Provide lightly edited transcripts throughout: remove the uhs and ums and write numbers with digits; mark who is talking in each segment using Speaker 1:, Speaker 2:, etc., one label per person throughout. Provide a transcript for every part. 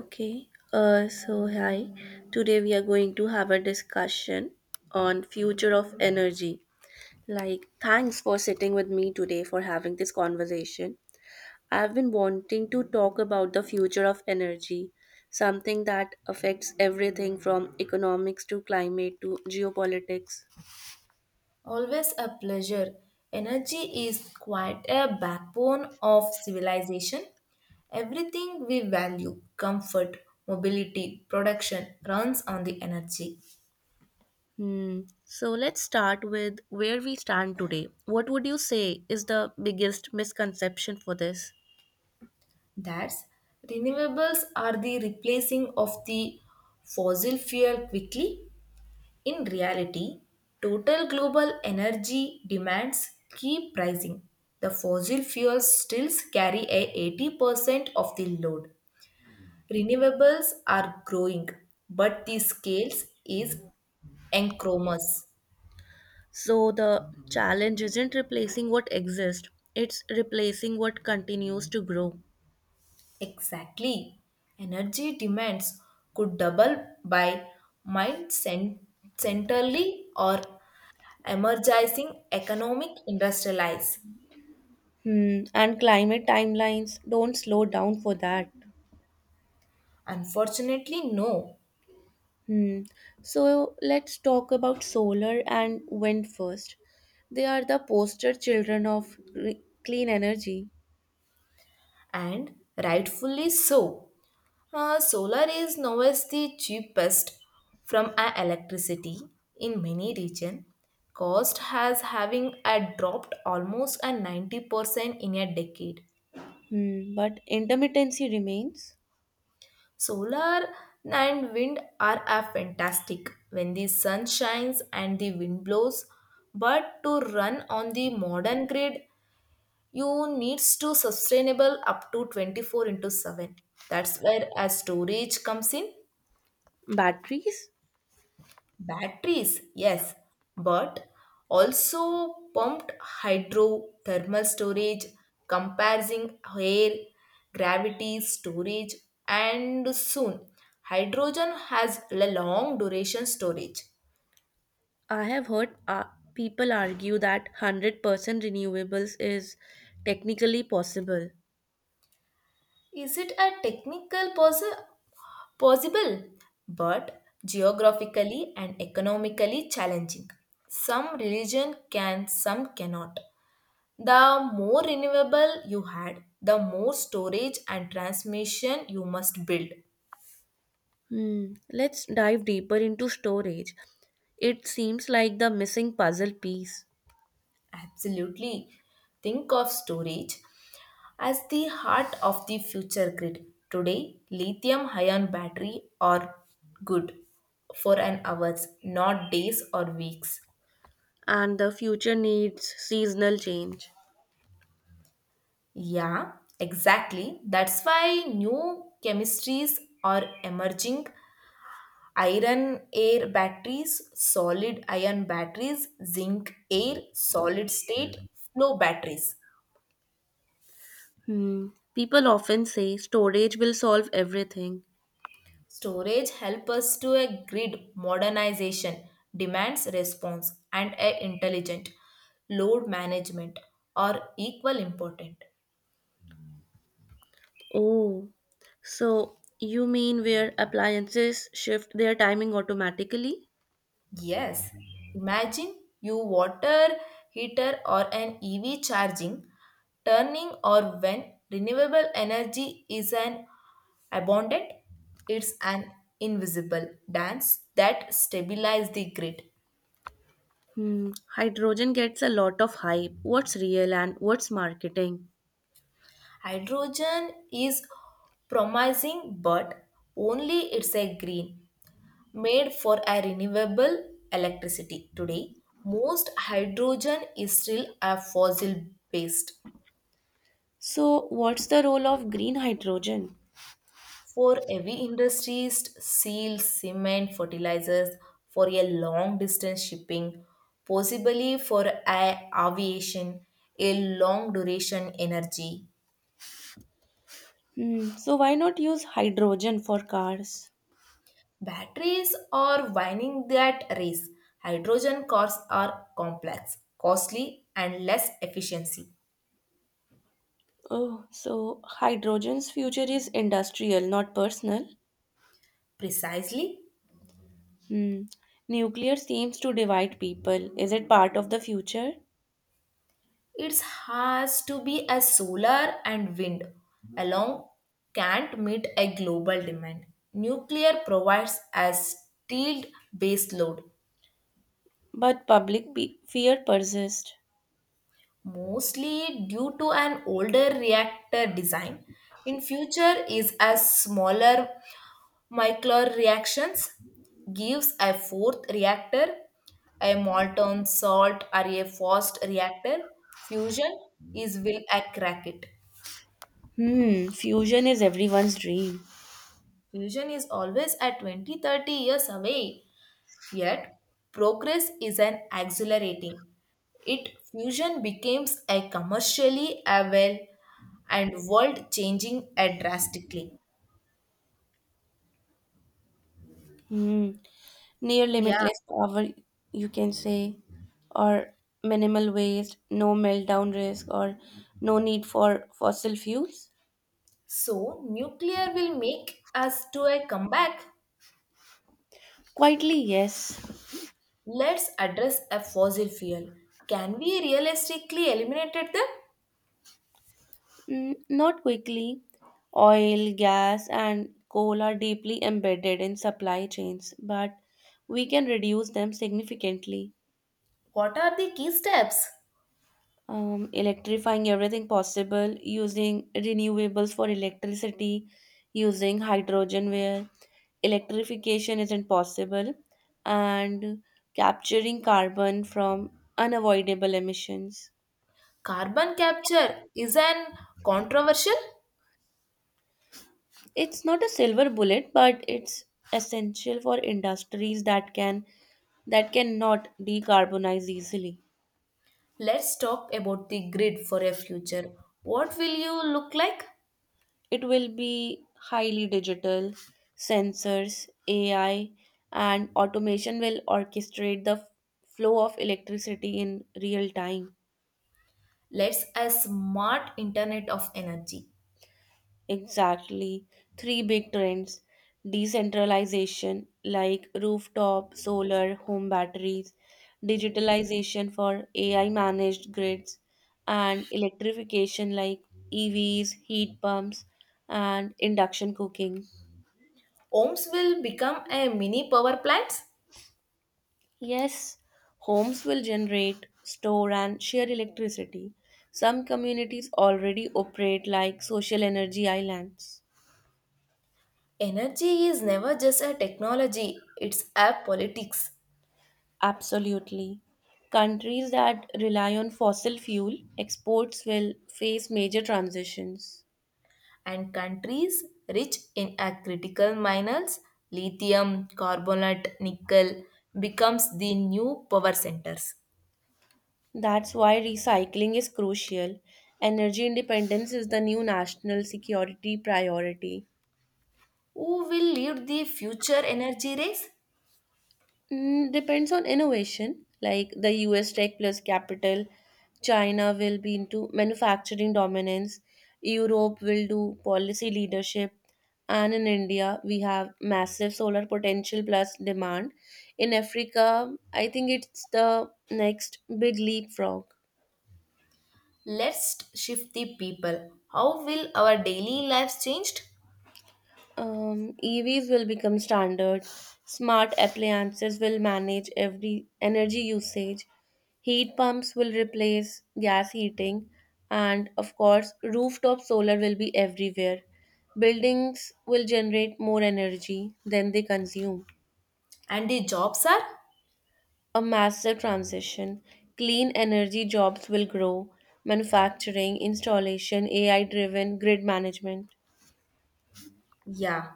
Speaker 1: Okay, so hi. Today we are going to have a discussion on future of energy. Like, thanks for sitting with me today for having this conversation. I've been wanting to talk about the future of energy, something that affects everything from economics to climate to geopolitics.
Speaker 2: Always a pleasure. Energy is quite a backbone of civilization. Everything we value, comfort, mobility, production, runs on the energy.
Speaker 1: Hmm. So let's start with where we stand today. What would you say is the biggest misconception for this?
Speaker 2: That's renewables are the replacing of the fossil fuel quickly. In reality, total global energy demands keep rising. The fossil fuels still carry a 80% of the load. Renewables are growing, but the scale is enormous.
Speaker 1: So the challenge isn't replacing what exists, it's replacing what continues to grow.
Speaker 2: Exactly. Energy demands could double by mind cen- centrally or emerging economic industrialize.
Speaker 1: Hmm. And climate timelines don't slow down for that.
Speaker 2: Unfortunately, no,
Speaker 1: Hmm. So let's talk about solar and wind first. They are the poster children of clean energy.
Speaker 2: and rightfully so. Solar is now is the cheapest from electricity in many region. Cost has having dropped almost a 90% in a decade.
Speaker 1: Hmm. But intermittency remains.
Speaker 2: Solar and wind are a fantastic when the sun shines and the wind blows. But to run on the modern grid, you needs to sustainable up to 24 into 7. That's where a storage comes in.
Speaker 1: Batteries?
Speaker 2: Batteries, yes, but also pumped hydrothermal storage, comprising air, gravity storage, and soon hydrogen has a long duration storage.
Speaker 1: I have heard people argue that 100% renewables is technically possible.
Speaker 2: Is it a technical possible, but geographically and economically challenging? Some religion can, some cannot. The more renewable you had, the more storage and transmission you must build.
Speaker 1: Hmm. Let's dive deeper into storage. It seems like the missing puzzle piece,
Speaker 2: Absolutely. Think of storage as the heart of the future grid. Today, lithium ion battery are good for an hours, not days or weeks.
Speaker 1: and the future needs seasonal change.
Speaker 2: Yeah, exactly. That's why new chemistries are emerging iron air batteries, solid ion batteries, zinc air, solid state flow batteries.
Speaker 1: Hmm. People often say storage will solve everything.
Speaker 2: Storage help us to a grid modernization, demands response and a intelligent load management are equal important.
Speaker 1: Oh, so you mean where appliances shift their timing automatically?
Speaker 2: Yes, imagine you water heater or an EV charging, turning or when renewable energy is an abundant, it's an invisible dance that stabilizes the grid.
Speaker 1: Hmm. Hydrogen gets a lot of hype. What's real and what's marketing?
Speaker 2: Hydrogen is promising but only it's a green made for a renewable electricity today. Most hydrogen is still a fossil based.
Speaker 1: So, what's the role of green hydrogen?
Speaker 2: For heavy industries, steel, cement, fertilizers, for a long distance shipping, possibly for aviation, a long duration energy.
Speaker 1: Hmm. So, why not use hydrogen for cars?
Speaker 2: Batteries are winning that race. Hydrogen cars are complex, costly, and less efficiency.
Speaker 1: Oh, so hydrogen's future is industrial, not personal.
Speaker 2: Precisely.
Speaker 1: Hmm. Nuclear seems to divide people. Is it part of the future?
Speaker 2: It has to be as solar and wind alone can't meet a global demand. Nuclear provides a steel base load,
Speaker 1: But public fear persists.
Speaker 2: mostly due to an older reactor design. In future is as smaller micro reactions gives a fourth reactor, a molten salt or a fast reactor. Fusion is will a crack it.
Speaker 1: Hmm. Fusion is everyone's dream.
Speaker 2: Fusion is always at 20 to 30 years away, yet progress is an accelerating. It fusion becomes a commercially available and world changing a drastically.
Speaker 1: Hmm. Near
Speaker 2: Yeah.
Speaker 1: limitless power, you can say, or minimal waste, no meltdown risk, or no need for fossil fuels.
Speaker 2: So nuclear will make us to a comeback.
Speaker 1: Quietly, yes.
Speaker 2: Let's address a fossil fuel. Can we realistically eliminate them?
Speaker 1: Mm, not quickly. Oil, gas, and coal are deeply embedded in supply chains, but we can reduce them significantly.
Speaker 2: What are the key steps?
Speaker 1: Electrifying everything possible, using renewables for electricity, using hydrogen where electrification isn't possible, and capturing carbon from unavoidable emissions.
Speaker 2: Carbon capture is an controversial.
Speaker 1: It's not a silver bullet, but it's essential for industries that can that cannot decarbonize easily.
Speaker 2: Let's talk about the grid for a future. What will you look like?
Speaker 1: It will be highly digital, sensors, AI, and automation will orchestrate the flow of electricity in real time.
Speaker 2: Let's a smart internet of energy.
Speaker 1: Exactly. Three big trends: decentralization, like rooftop, solar, home batteries; digitalization for AI managed grids; and electrification, like EVs, heat pumps, and induction cooking.
Speaker 2: Homes will become a mini power plants.
Speaker 1: Yes, homes will generate, store, and share electricity. Some communities already operate like social energy islands.
Speaker 2: Energy is never just a technology, it's a politics.
Speaker 1: Absolutely. Countries that rely on fossil fuel exports will face major transitions.
Speaker 2: And countries rich in a critical minerals, lithium, carbonate, nickel becomes the new power centers.
Speaker 1: That's why recycling is crucial. Energy independence is the new national security priority.
Speaker 2: Who will lead the future energy race?
Speaker 1: Mm, depends on innovation, like the US tech plus capital. China will be into manufacturing dominance. Europe will do policy leadership. And in India, we have massive solar potential plus demand. In Africa, I think it's the next big leapfrog.
Speaker 2: Let's shift the people. How will our daily lives changed
Speaker 1: EVs will become standard. Smart appliances will manage every energy usage. Heat pumps will replace gas heating. And of course, rooftop solar will be everywhere. Buildings will generate more energy than they consume.
Speaker 2: and the jobs are?
Speaker 1: A massive transition. Clean energy jobs will grow. Manufacturing, installation, AI driven grid management.
Speaker 2: Yeah,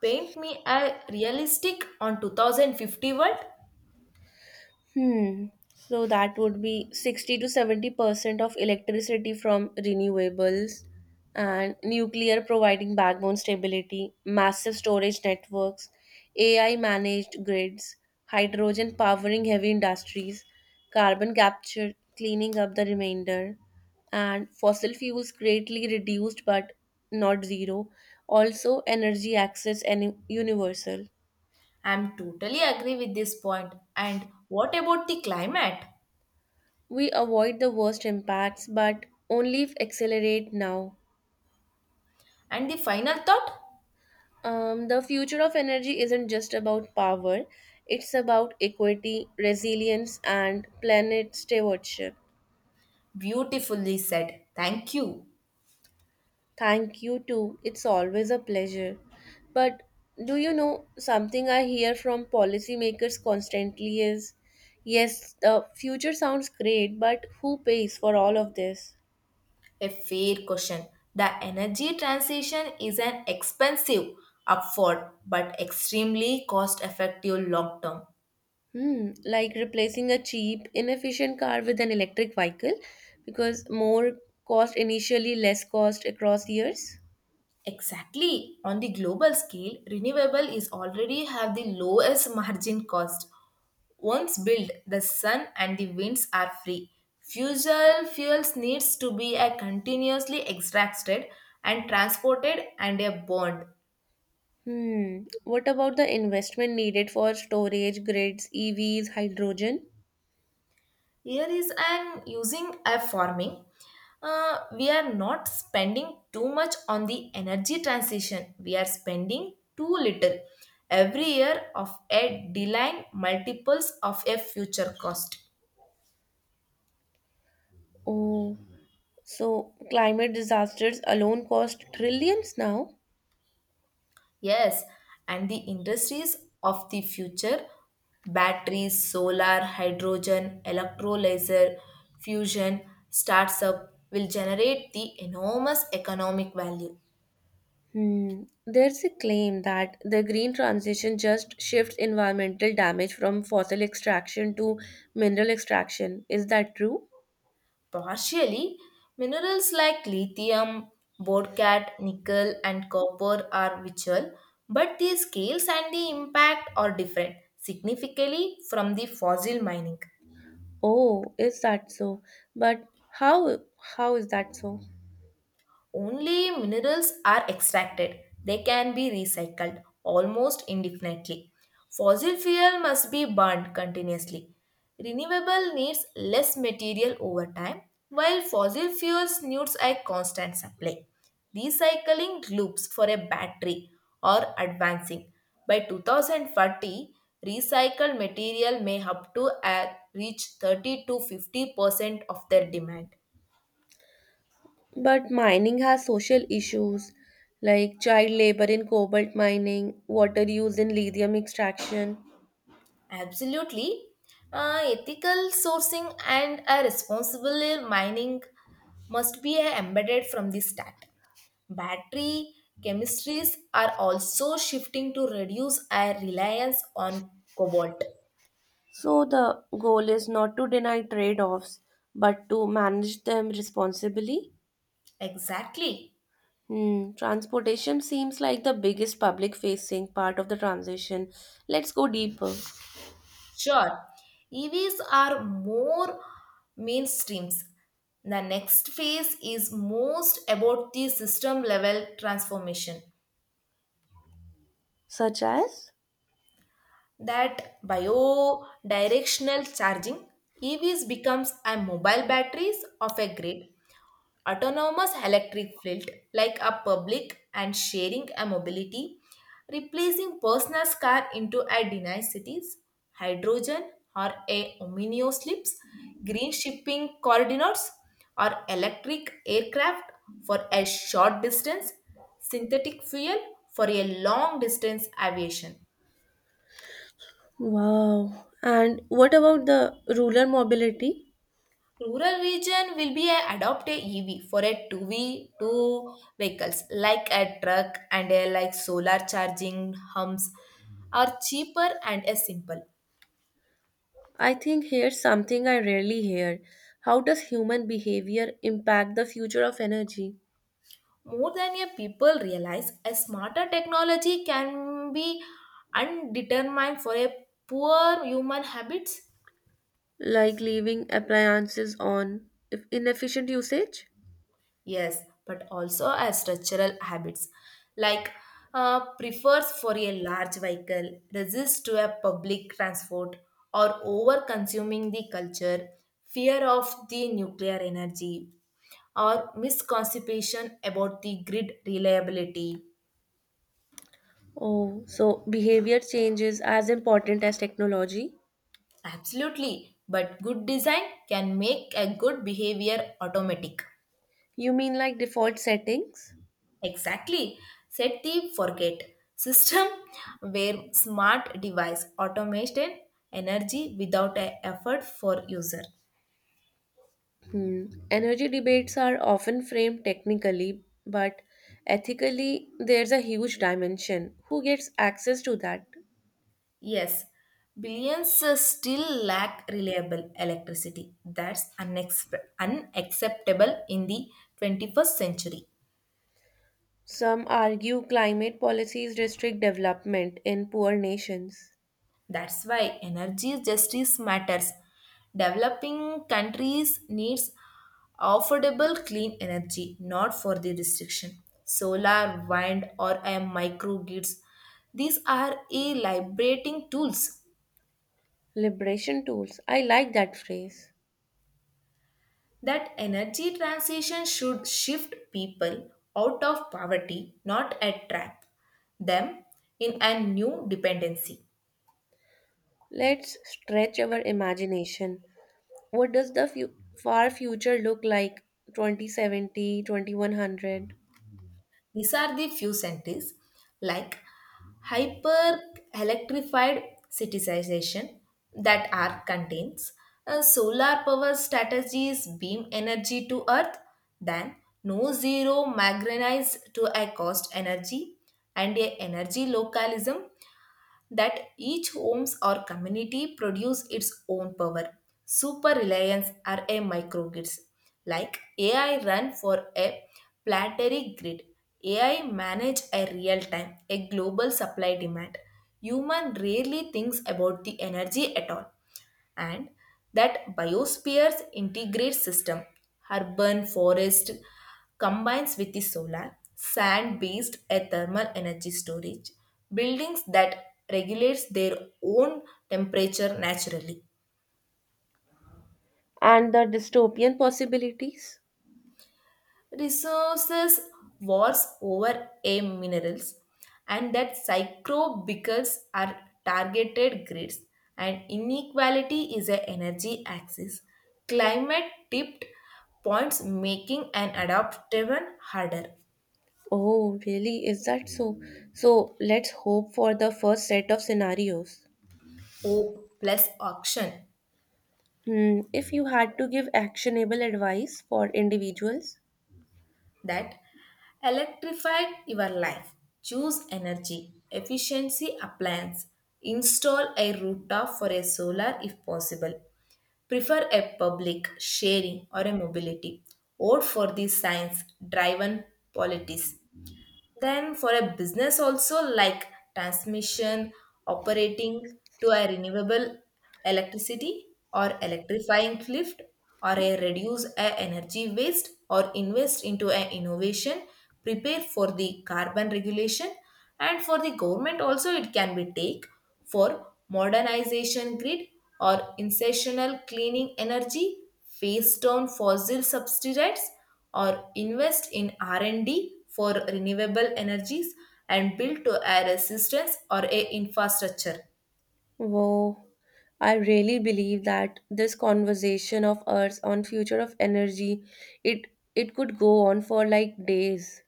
Speaker 2: paint me a realistic on 2050 world.
Speaker 1: Hmm. So that would be 60 to 70% of electricity from renewables, and nuclear providing backbone stability, massive storage networks, AI managed grids, hydrogen powering heavy industries, carbon capture cleaning up the remainder, and fossil fuels greatly reduced but not zero. Also, energy access and universal.
Speaker 2: I'm totally agree with this point. And what about the climate?
Speaker 1: We avoid the worst impacts, but only if accelerate now.
Speaker 2: And the final thought?
Speaker 1: The future of energy isn't just about power, it's about equity, resilience, and planet stewardship.
Speaker 2: Beautifully said. Thank you.
Speaker 1: Thank you, too. It's always a pleasure. But do you know, something I hear from policymakers constantly is, yes, the future sounds great, but who pays for all of this?
Speaker 2: A fair question. The energy transition is an expensive upward but extremely cost effective long term.
Speaker 1: Hmm, like replacing a cheap, inefficient car with an electric vehicle because more cost initially, less cost across years.
Speaker 2: Exactly. On the global scale, renewable is already have the lowest margin cost. Once built, the sun and the winds are free. Fusel fuels needs to be a continuously extracted and transported and a bond.
Speaker 1: Hmm, what about the investment needed for storage grids, EVs, hydrogen?
Speaker 2: Here is I'm using a farming. We are not spending too much on the energy transition. We are spending too little every year of a deline multiples of a future cost.
Speaker 1: Oh, so climate disasters alone cost trillions now?
Speaker 2: Yes, and the industries of the future batteries, solar, hydrogen, electrolyzer, fusion starts up will generate the enormous economic value.
Speaker 1: Hmm, there's a claim that the green transition just shifts environmental damage from fossil extraction to mineral extraction. Is that true?
Speaker 2: Partially, minerals like lithium, bauxite, nickel, and copper are visual, but the scales and the impact are different significantly from the fossil mining.
Speaker 1: Oh, is that so? But how how is that so?
Speaker 2: Only minerals are extracted, they can be recycled almost indefinitely. Fossil fuel must be burned continuously. Renewable needs less material over time, while fossil fuels needs a constant supply. Recycling loops for a battery are advancing. By 2040, recycled material may up to reach 30 to 50% of their demand.
Speaker 1: But mining has social issues like child labor in cobalt mining, water use in lithium extraction.
Speaker 2: Absolutely. Ethical sourcing and a responsible mining must be embedded from the start. Battery chemistries are also shifting to reduce our reliance on cobalt.
Speaker 1: So the goal is not to deny trade-offs, but to manage them responsibly.
Speaker 2: Exactly.
Speaker 1: Hmm, transportation seems like the biggest public-facing part of the transition. Let's go deeper.
Speaker 2: Sure. EVs are more mainstreams. The next phase is most about the system level transformation.
Speaker 1: Such as?
Speaker 2: That biodirectional charging EVs becomes a mobile batteries of a grid, autonomous electric field like a public and sharing a mobility replacing personal car into a denied cities, hydrogen or a omnio slips, green shipping coordinates or electric aircraft for a short distance, synthetic fuel for a long distance aviation.
Speaker 1: Wow. And what about the rural mobility?
Speaker 2: Rural region will be a adopt a EV for a two V two vehicles like a truck, and a like solar charging humps are cheaper and a simple.
Speaker 1: I think here's something I rarely hear. How does human behavior impact the future of energy?
Speaker 2: More than a people realize, a smarter technology can be undetermined for a poor human habits.
Speaker 1: Like leaving appliances on if inefficient usage?
Speaker 2: Yes, but also as structural habits like prefers for a large vehicle, resists to a public transport, or over consuming the culture, fear of the nuclear energy, or misconception about the grid reliability.
Speaker 1: Oh, so behavior change is as important as technology?
Speaker 2: Absolutely, but good design can make a good behavior automatic.
Speaker 1: You mean like default settings?
Speaker 2: Exactly. Set the forget system where smart device automation energy without a effort for user.
Speaker 1: Hmm. Energy debates are often framed technically, but ethically, there's a huge dimension. Who gets access to that?
Speaker 2: Yes, billions still lack reliable electricity. That's unacceptable in the 21st century.
Speaker 1: Some argue climate policies restrict development in poor nations.
Speaker 2: That's why energy justice matters. Developing countries needs affordable clean energy, not for the restriction. Solar, wind, or a microgrids. These are a liberating tools.
Speaker 1: Liberation tools. I like that phrase.
Speaker 2: That energy transition should shift people out of poverty, not attract them in a new dependency.
Speaker 1: Let's stretch our imagination. What does the far future look like? 2070, 2100?
Speaker 2: These are the few sentences like hyper electrified citizenization that are contains solar power strategies beam energy to earth, then no zero magnetize to a cost energy, and a energy localism that each homes or community produce its own power. Super reliance are a microgrids. Like AI run for a planetary grid. AI manage a real time, a global supply demand. Human rarely thinks about the energy at all, and that biospheres integrate system urban forest combines with the solar sand based a thermal energy storage buildings that regulates their own temperature naturally.
Speaker 1: And the dystopian possibilities?
Speaker 2: Resources wars over a minerals, and that psychobicals are targeted grids, and inequality is a energy axis, climate tipped points making an adopt even harder.
Speaker 1: Oh, really? Is that so? So let's hope for the first set of scenarios.
Speaker 2: Hope plus auction.
Speaker 1: Hmm, if you had to give actionable advice for individuals.
Speaker 2: That electrify your life, choose energy efficiency appliance, install a rooftop for a solar if possible, prefer a public sharing or a mobility, or for the science driven policies. Then for a business also, like transmission operating to a renewable electricity, or electrifying lift, or a reduce a energy waste, or invest into an innovation, prepare for the carbon regulation. And for the government also, it can be take for modernization grid, or incessional cleaning energy, phase down fossil subsidies, or invest in R&D for renewable energies, and build to a resistance or a infrastructure.
Speaker 1: Wow, I really believe that this conversation of ours on future of energy, it it could go on for like days.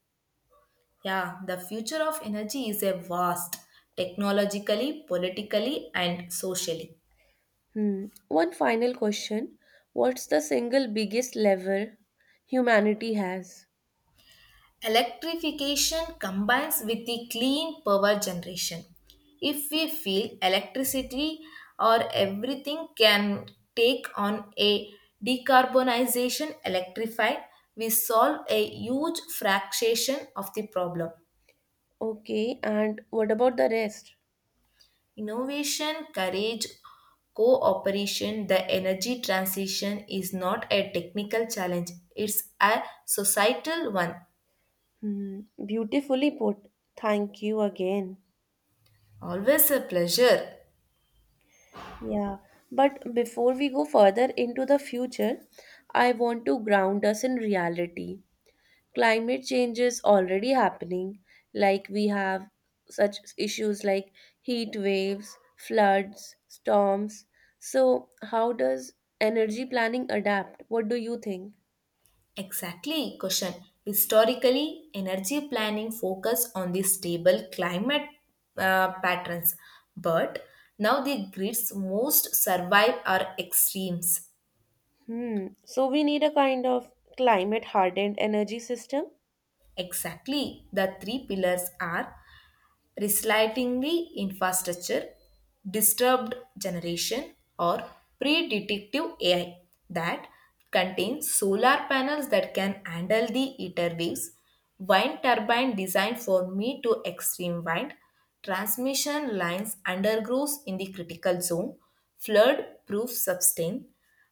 Speaker 2: Yeah, the future of energy is a vast technologically, politically and socially.
Speaker 1: Hmm. One final question. What's the single biggest level humanity has?
Speaker 2: Electrification combines with the clean power generation. If we feel electricity or everything can take on a decarbonization electrified, we solve a huge fraction of the problem.
Speaker 1: Okay, and what about the rest?
Speaker 2: Innovation, courage, cooperation, the energy transition is not a technical challenge, it's a societal one.
Speaker 1: Hmm. Beautifully put. Thank you again.
Speaker 2: Always a pleasure.
Speaker 1: Yeah, but before we go further into the future, I want to ground us in reality. Climate change is already happening. Like, we have such issues like heat waves, floods, storms. So how does energy planning adapt? What do you think?
Speaker 2: Exactly, question. Historically, energy planning focused on the stable climate patterns, but now the grids most survive are extremes.
Speaker 1: Hmm, so we need a kind of climate hardened energy system.
Speaker 2: Exactly, the three pillars are resiliently infrastructure, disturbed generation, or predictive AI that contains solar panels that can handle the heater waves, wind turbine designed for mid to extreme wind, transmission lines undergrows in the critical zone, flood-proof sustain,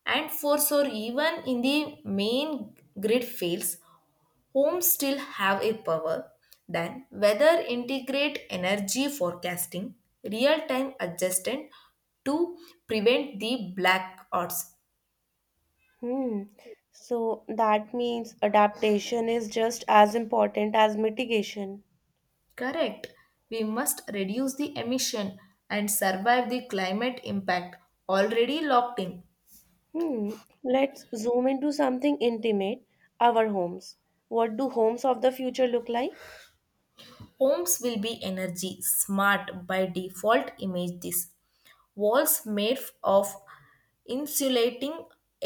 Speaker 2: and force or even in the main grid fails homes still have a power, then weather integrate energy forecasting, real time adjustment to prevent the blackouts.
Speaker 1: Hmm, so that means adaptation is just as important as mitigation.
Speaker 2: Correct, we must reduce the emission and survive the climate impact already locked in.
Speaker 1: Hmm. Let's zoom into something intimate, our homes. What do homes of the future look like?
Speaker 2: Homes will be energy smart by default. Image this, walls made of insulating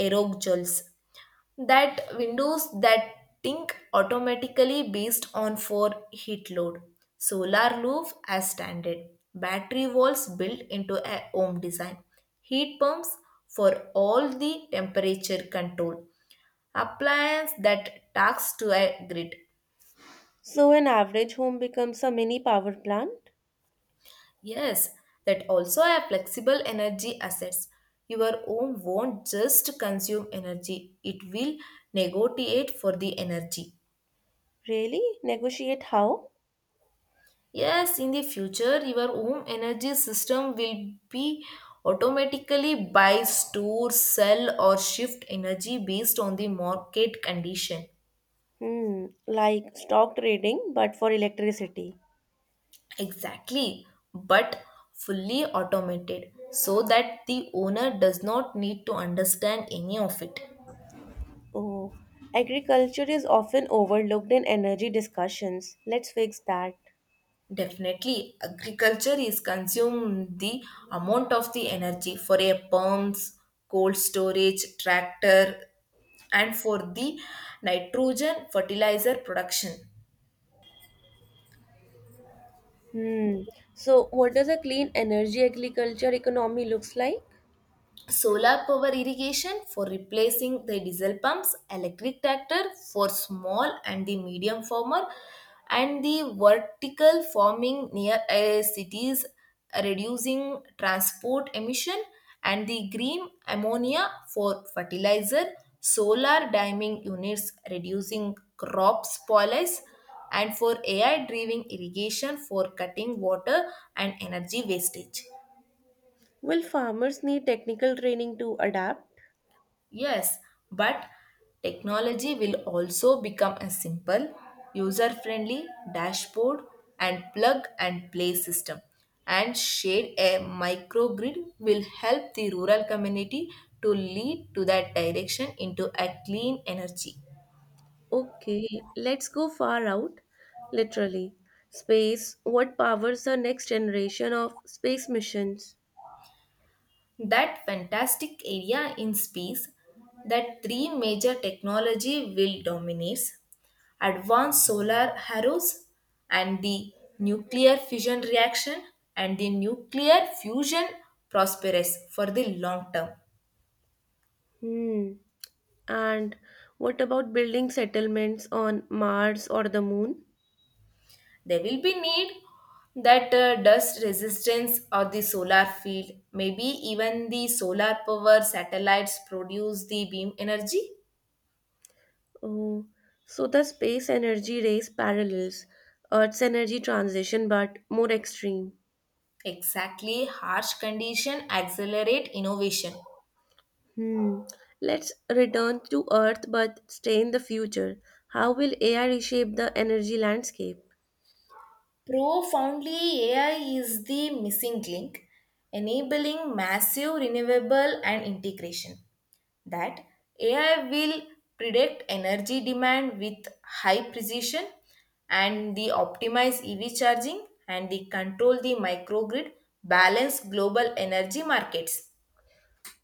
Speaker 2: aerosols, that windows that think automatically based on for heat load, solar roof as standard, battery walls built into a home design, heat pumps for all the temperature control, appliance that talks to a grid.
Speaker 1: So an average home becomes a mini power plant?
Speaker 2: Yes, that also have flexible energy assets. Your home won't just consume energy, it will negotiate for the energy.
Speaker 1: Really? Negotiate how?
Speaker 2: Yes, in the future, your home energy system will be automatically buy, store, sell, or shift energy based on the market condition.
Speaker 1: Hmm, like stock trading but for electricity.
Speaker 2: Exactly, but fully automated so that the owner does not need to understand any of it.
Speaker 1: Oh, agriculture is often overlooked in energy discussions. Let's fix that.
Speaker 2: Definitely, agriculture is consumed the amount of the energy for a pumps, cold storage, tractor, and for the nitrogen fertilizer production.
Speaker 1: Hmm. So what does a clean energy agriculture economy looks like?
Speaker 2: Solar power irrigation for replacing the diesel pumps, electric tractor for small and the medium farmer, and the vertical farming near cities reducing transport emission, and the green ammonia for fertilizer, solar damming units reducing crop spoilage, and for ai driven irrigation for cutting water and energy wastage.
Speaker 1: Will farmers need technical training to adapt?
Speaker 2: Yes, but technology will also become a simple, user friendly dashboard and plug and play system. And shade a microgrid will help the rural community to lead to that direction into a clean energy.
Speaker 1: Okay, let's go far out. Literally. Space, what powers the next generation of space missions?
Speaker 2: That fantastic area in space, that three major technology will dominates advanced solar arrows, and the nuclear fusion reaction, and the nuclear fusion prosperous for the long term.
Speaker 1: Hmm. And what about building settlements on Mars or the Moon?
Speaker 2: There will be need that dust resistance or the solar field, maybe even the solar power satellites produce the beam energy.
Speaker 1: Oh, so the space energy race parallels Earth's energy transition but more extreme.
Speaker 2: Exactly, harsh condition accelerate innovation.
Speaker 1: Hmm. Let's return to Earth but stay in the future. How will AI reshape the energy landscape?
Speaker 2: Profoundly, AI is the missing link, enabling massive renewable and integration. That AI will predict energy demand with high precision, and the optimize EV charging, and the control the microgrid balance global energy markets.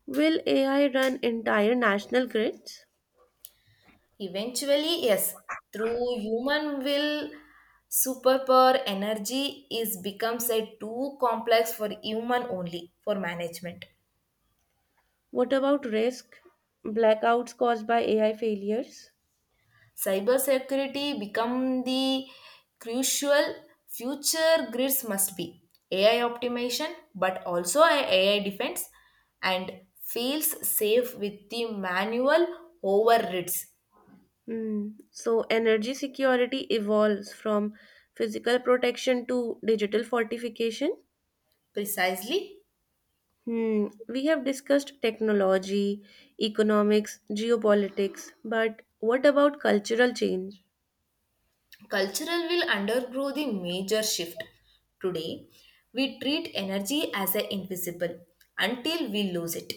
Speaker 1: Will AI run entire national grids?
Speaker 2: Eventually, yes, through human will superpower energy is becomes a too complex for human only for management.
Speaker 1: What about risk, blackouts caused by AI failures?
Speaker 2: Cybersecurity become the crucial future grids must be AI optimization, but also a AI defense, and feels safe with the manual overrides.
Speaker 1: Mm. So, energy security evolves from physical protection to digital fortification.
Speaker 2: Precisely,
Speaker 1: Hmm. We have discussed technology, economics, geopolitics, but what about cultural change?
Speaker 2: cultural will undergo the major shift. Today, we treat energy as a invisible until we lose it.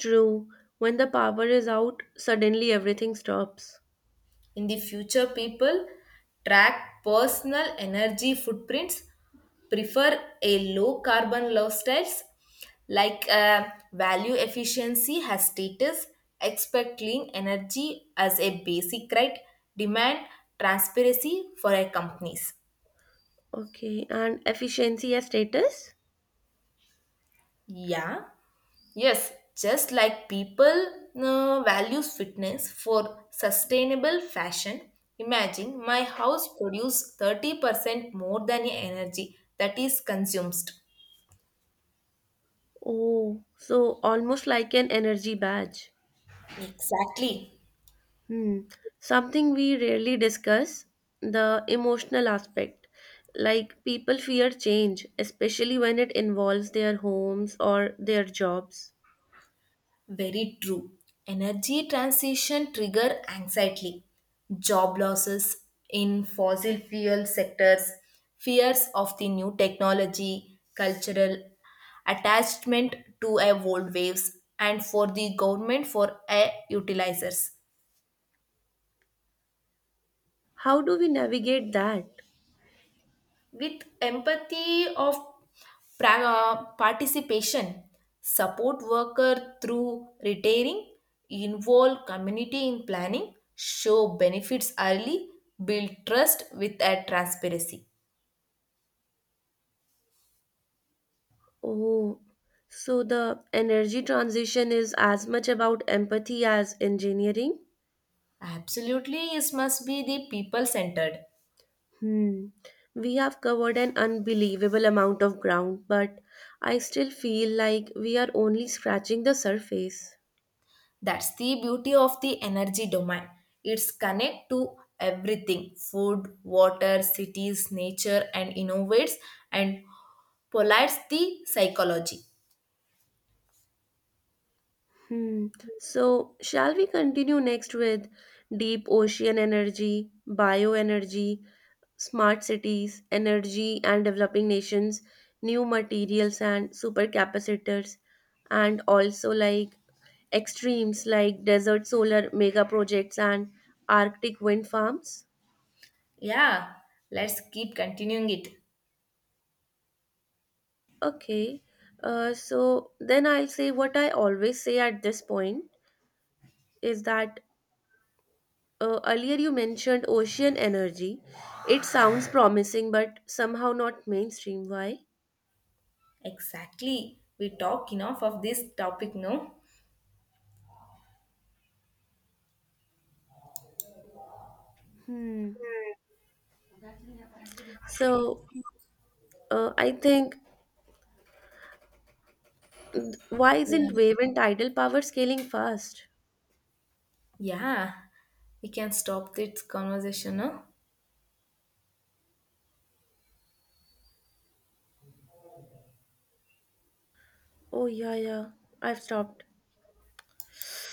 Speaker 1: True, when the power is out, suddenly everything stops.
Speaker 2: In the future, people track personal energy footprints, prefer a low carbon lifestyles like value efficiency has status, expect clean energy as a basic right, demand transparency for our companies.
Speaker 1: Okay, and efficiency as status?
Speaker 2: Yeah. Yes, just like people values fitness for sustainable fashion, imagine my house produce 30% more than energy that is consumed.
Speaker 1: Oh, so almost like an energy badge.
Speaker 2: Exactly.
Speaker 1: Hmm. Something we rarely discuss, the emotional aspect. Like, people fear change, especially when it involves their homes or their jobs.
Speaker 2: Very true. Energy transition trigger anxiety, job losses in fossil fuel sectors, fears of the new technology, cultural attachment to a old waves, and for the government for a utilizers.
Speaker 1: How do we navigate that?
Speaker 2: With empathy of participation, support worker through retiring, involve community in planning, show benefits early, build trust with a transparency.
Speaker 1: Oh, so the energy transition is as much about empathy as engineering?
Speaker 2: Absolutely, it must be the people centered.
Speaker 1: Hmm. We have covered an unbelievable amount of ground, but I still feel like we are only scratching the surface.
Speaker 2: That's the beauty of the energy domain, it's connect to everything food water cities nature and innovates, and polites the psychology.
Speaker 1: Hmm. So, shall we continue next with deep ocean energy, bioenergy, smart cities, energy and developing nations, new materials and supercapacitors, and also like extremes, like desert solar mega projects and Arctic wind farms?
Speaker 2: Yeah, let's keep continuing it.
Speaker 1: Okay. So, then I'll say what I always say at this point is that, earlier you mentioned ocean energy. It sounds promising, but somehow not mainstream. Why?
Speaker 2: Exactly. We talk enough of this topic, no?
Speaker 1: Hmm. So, I think, why
Speaker 2: Yeah.
Speaker 1: isn't wave and tidal power scaling fast?
Speaker 2: Yeah. We can stop this conversation, no?
Speaker 1: Oh yeah, yeah. I've stopped.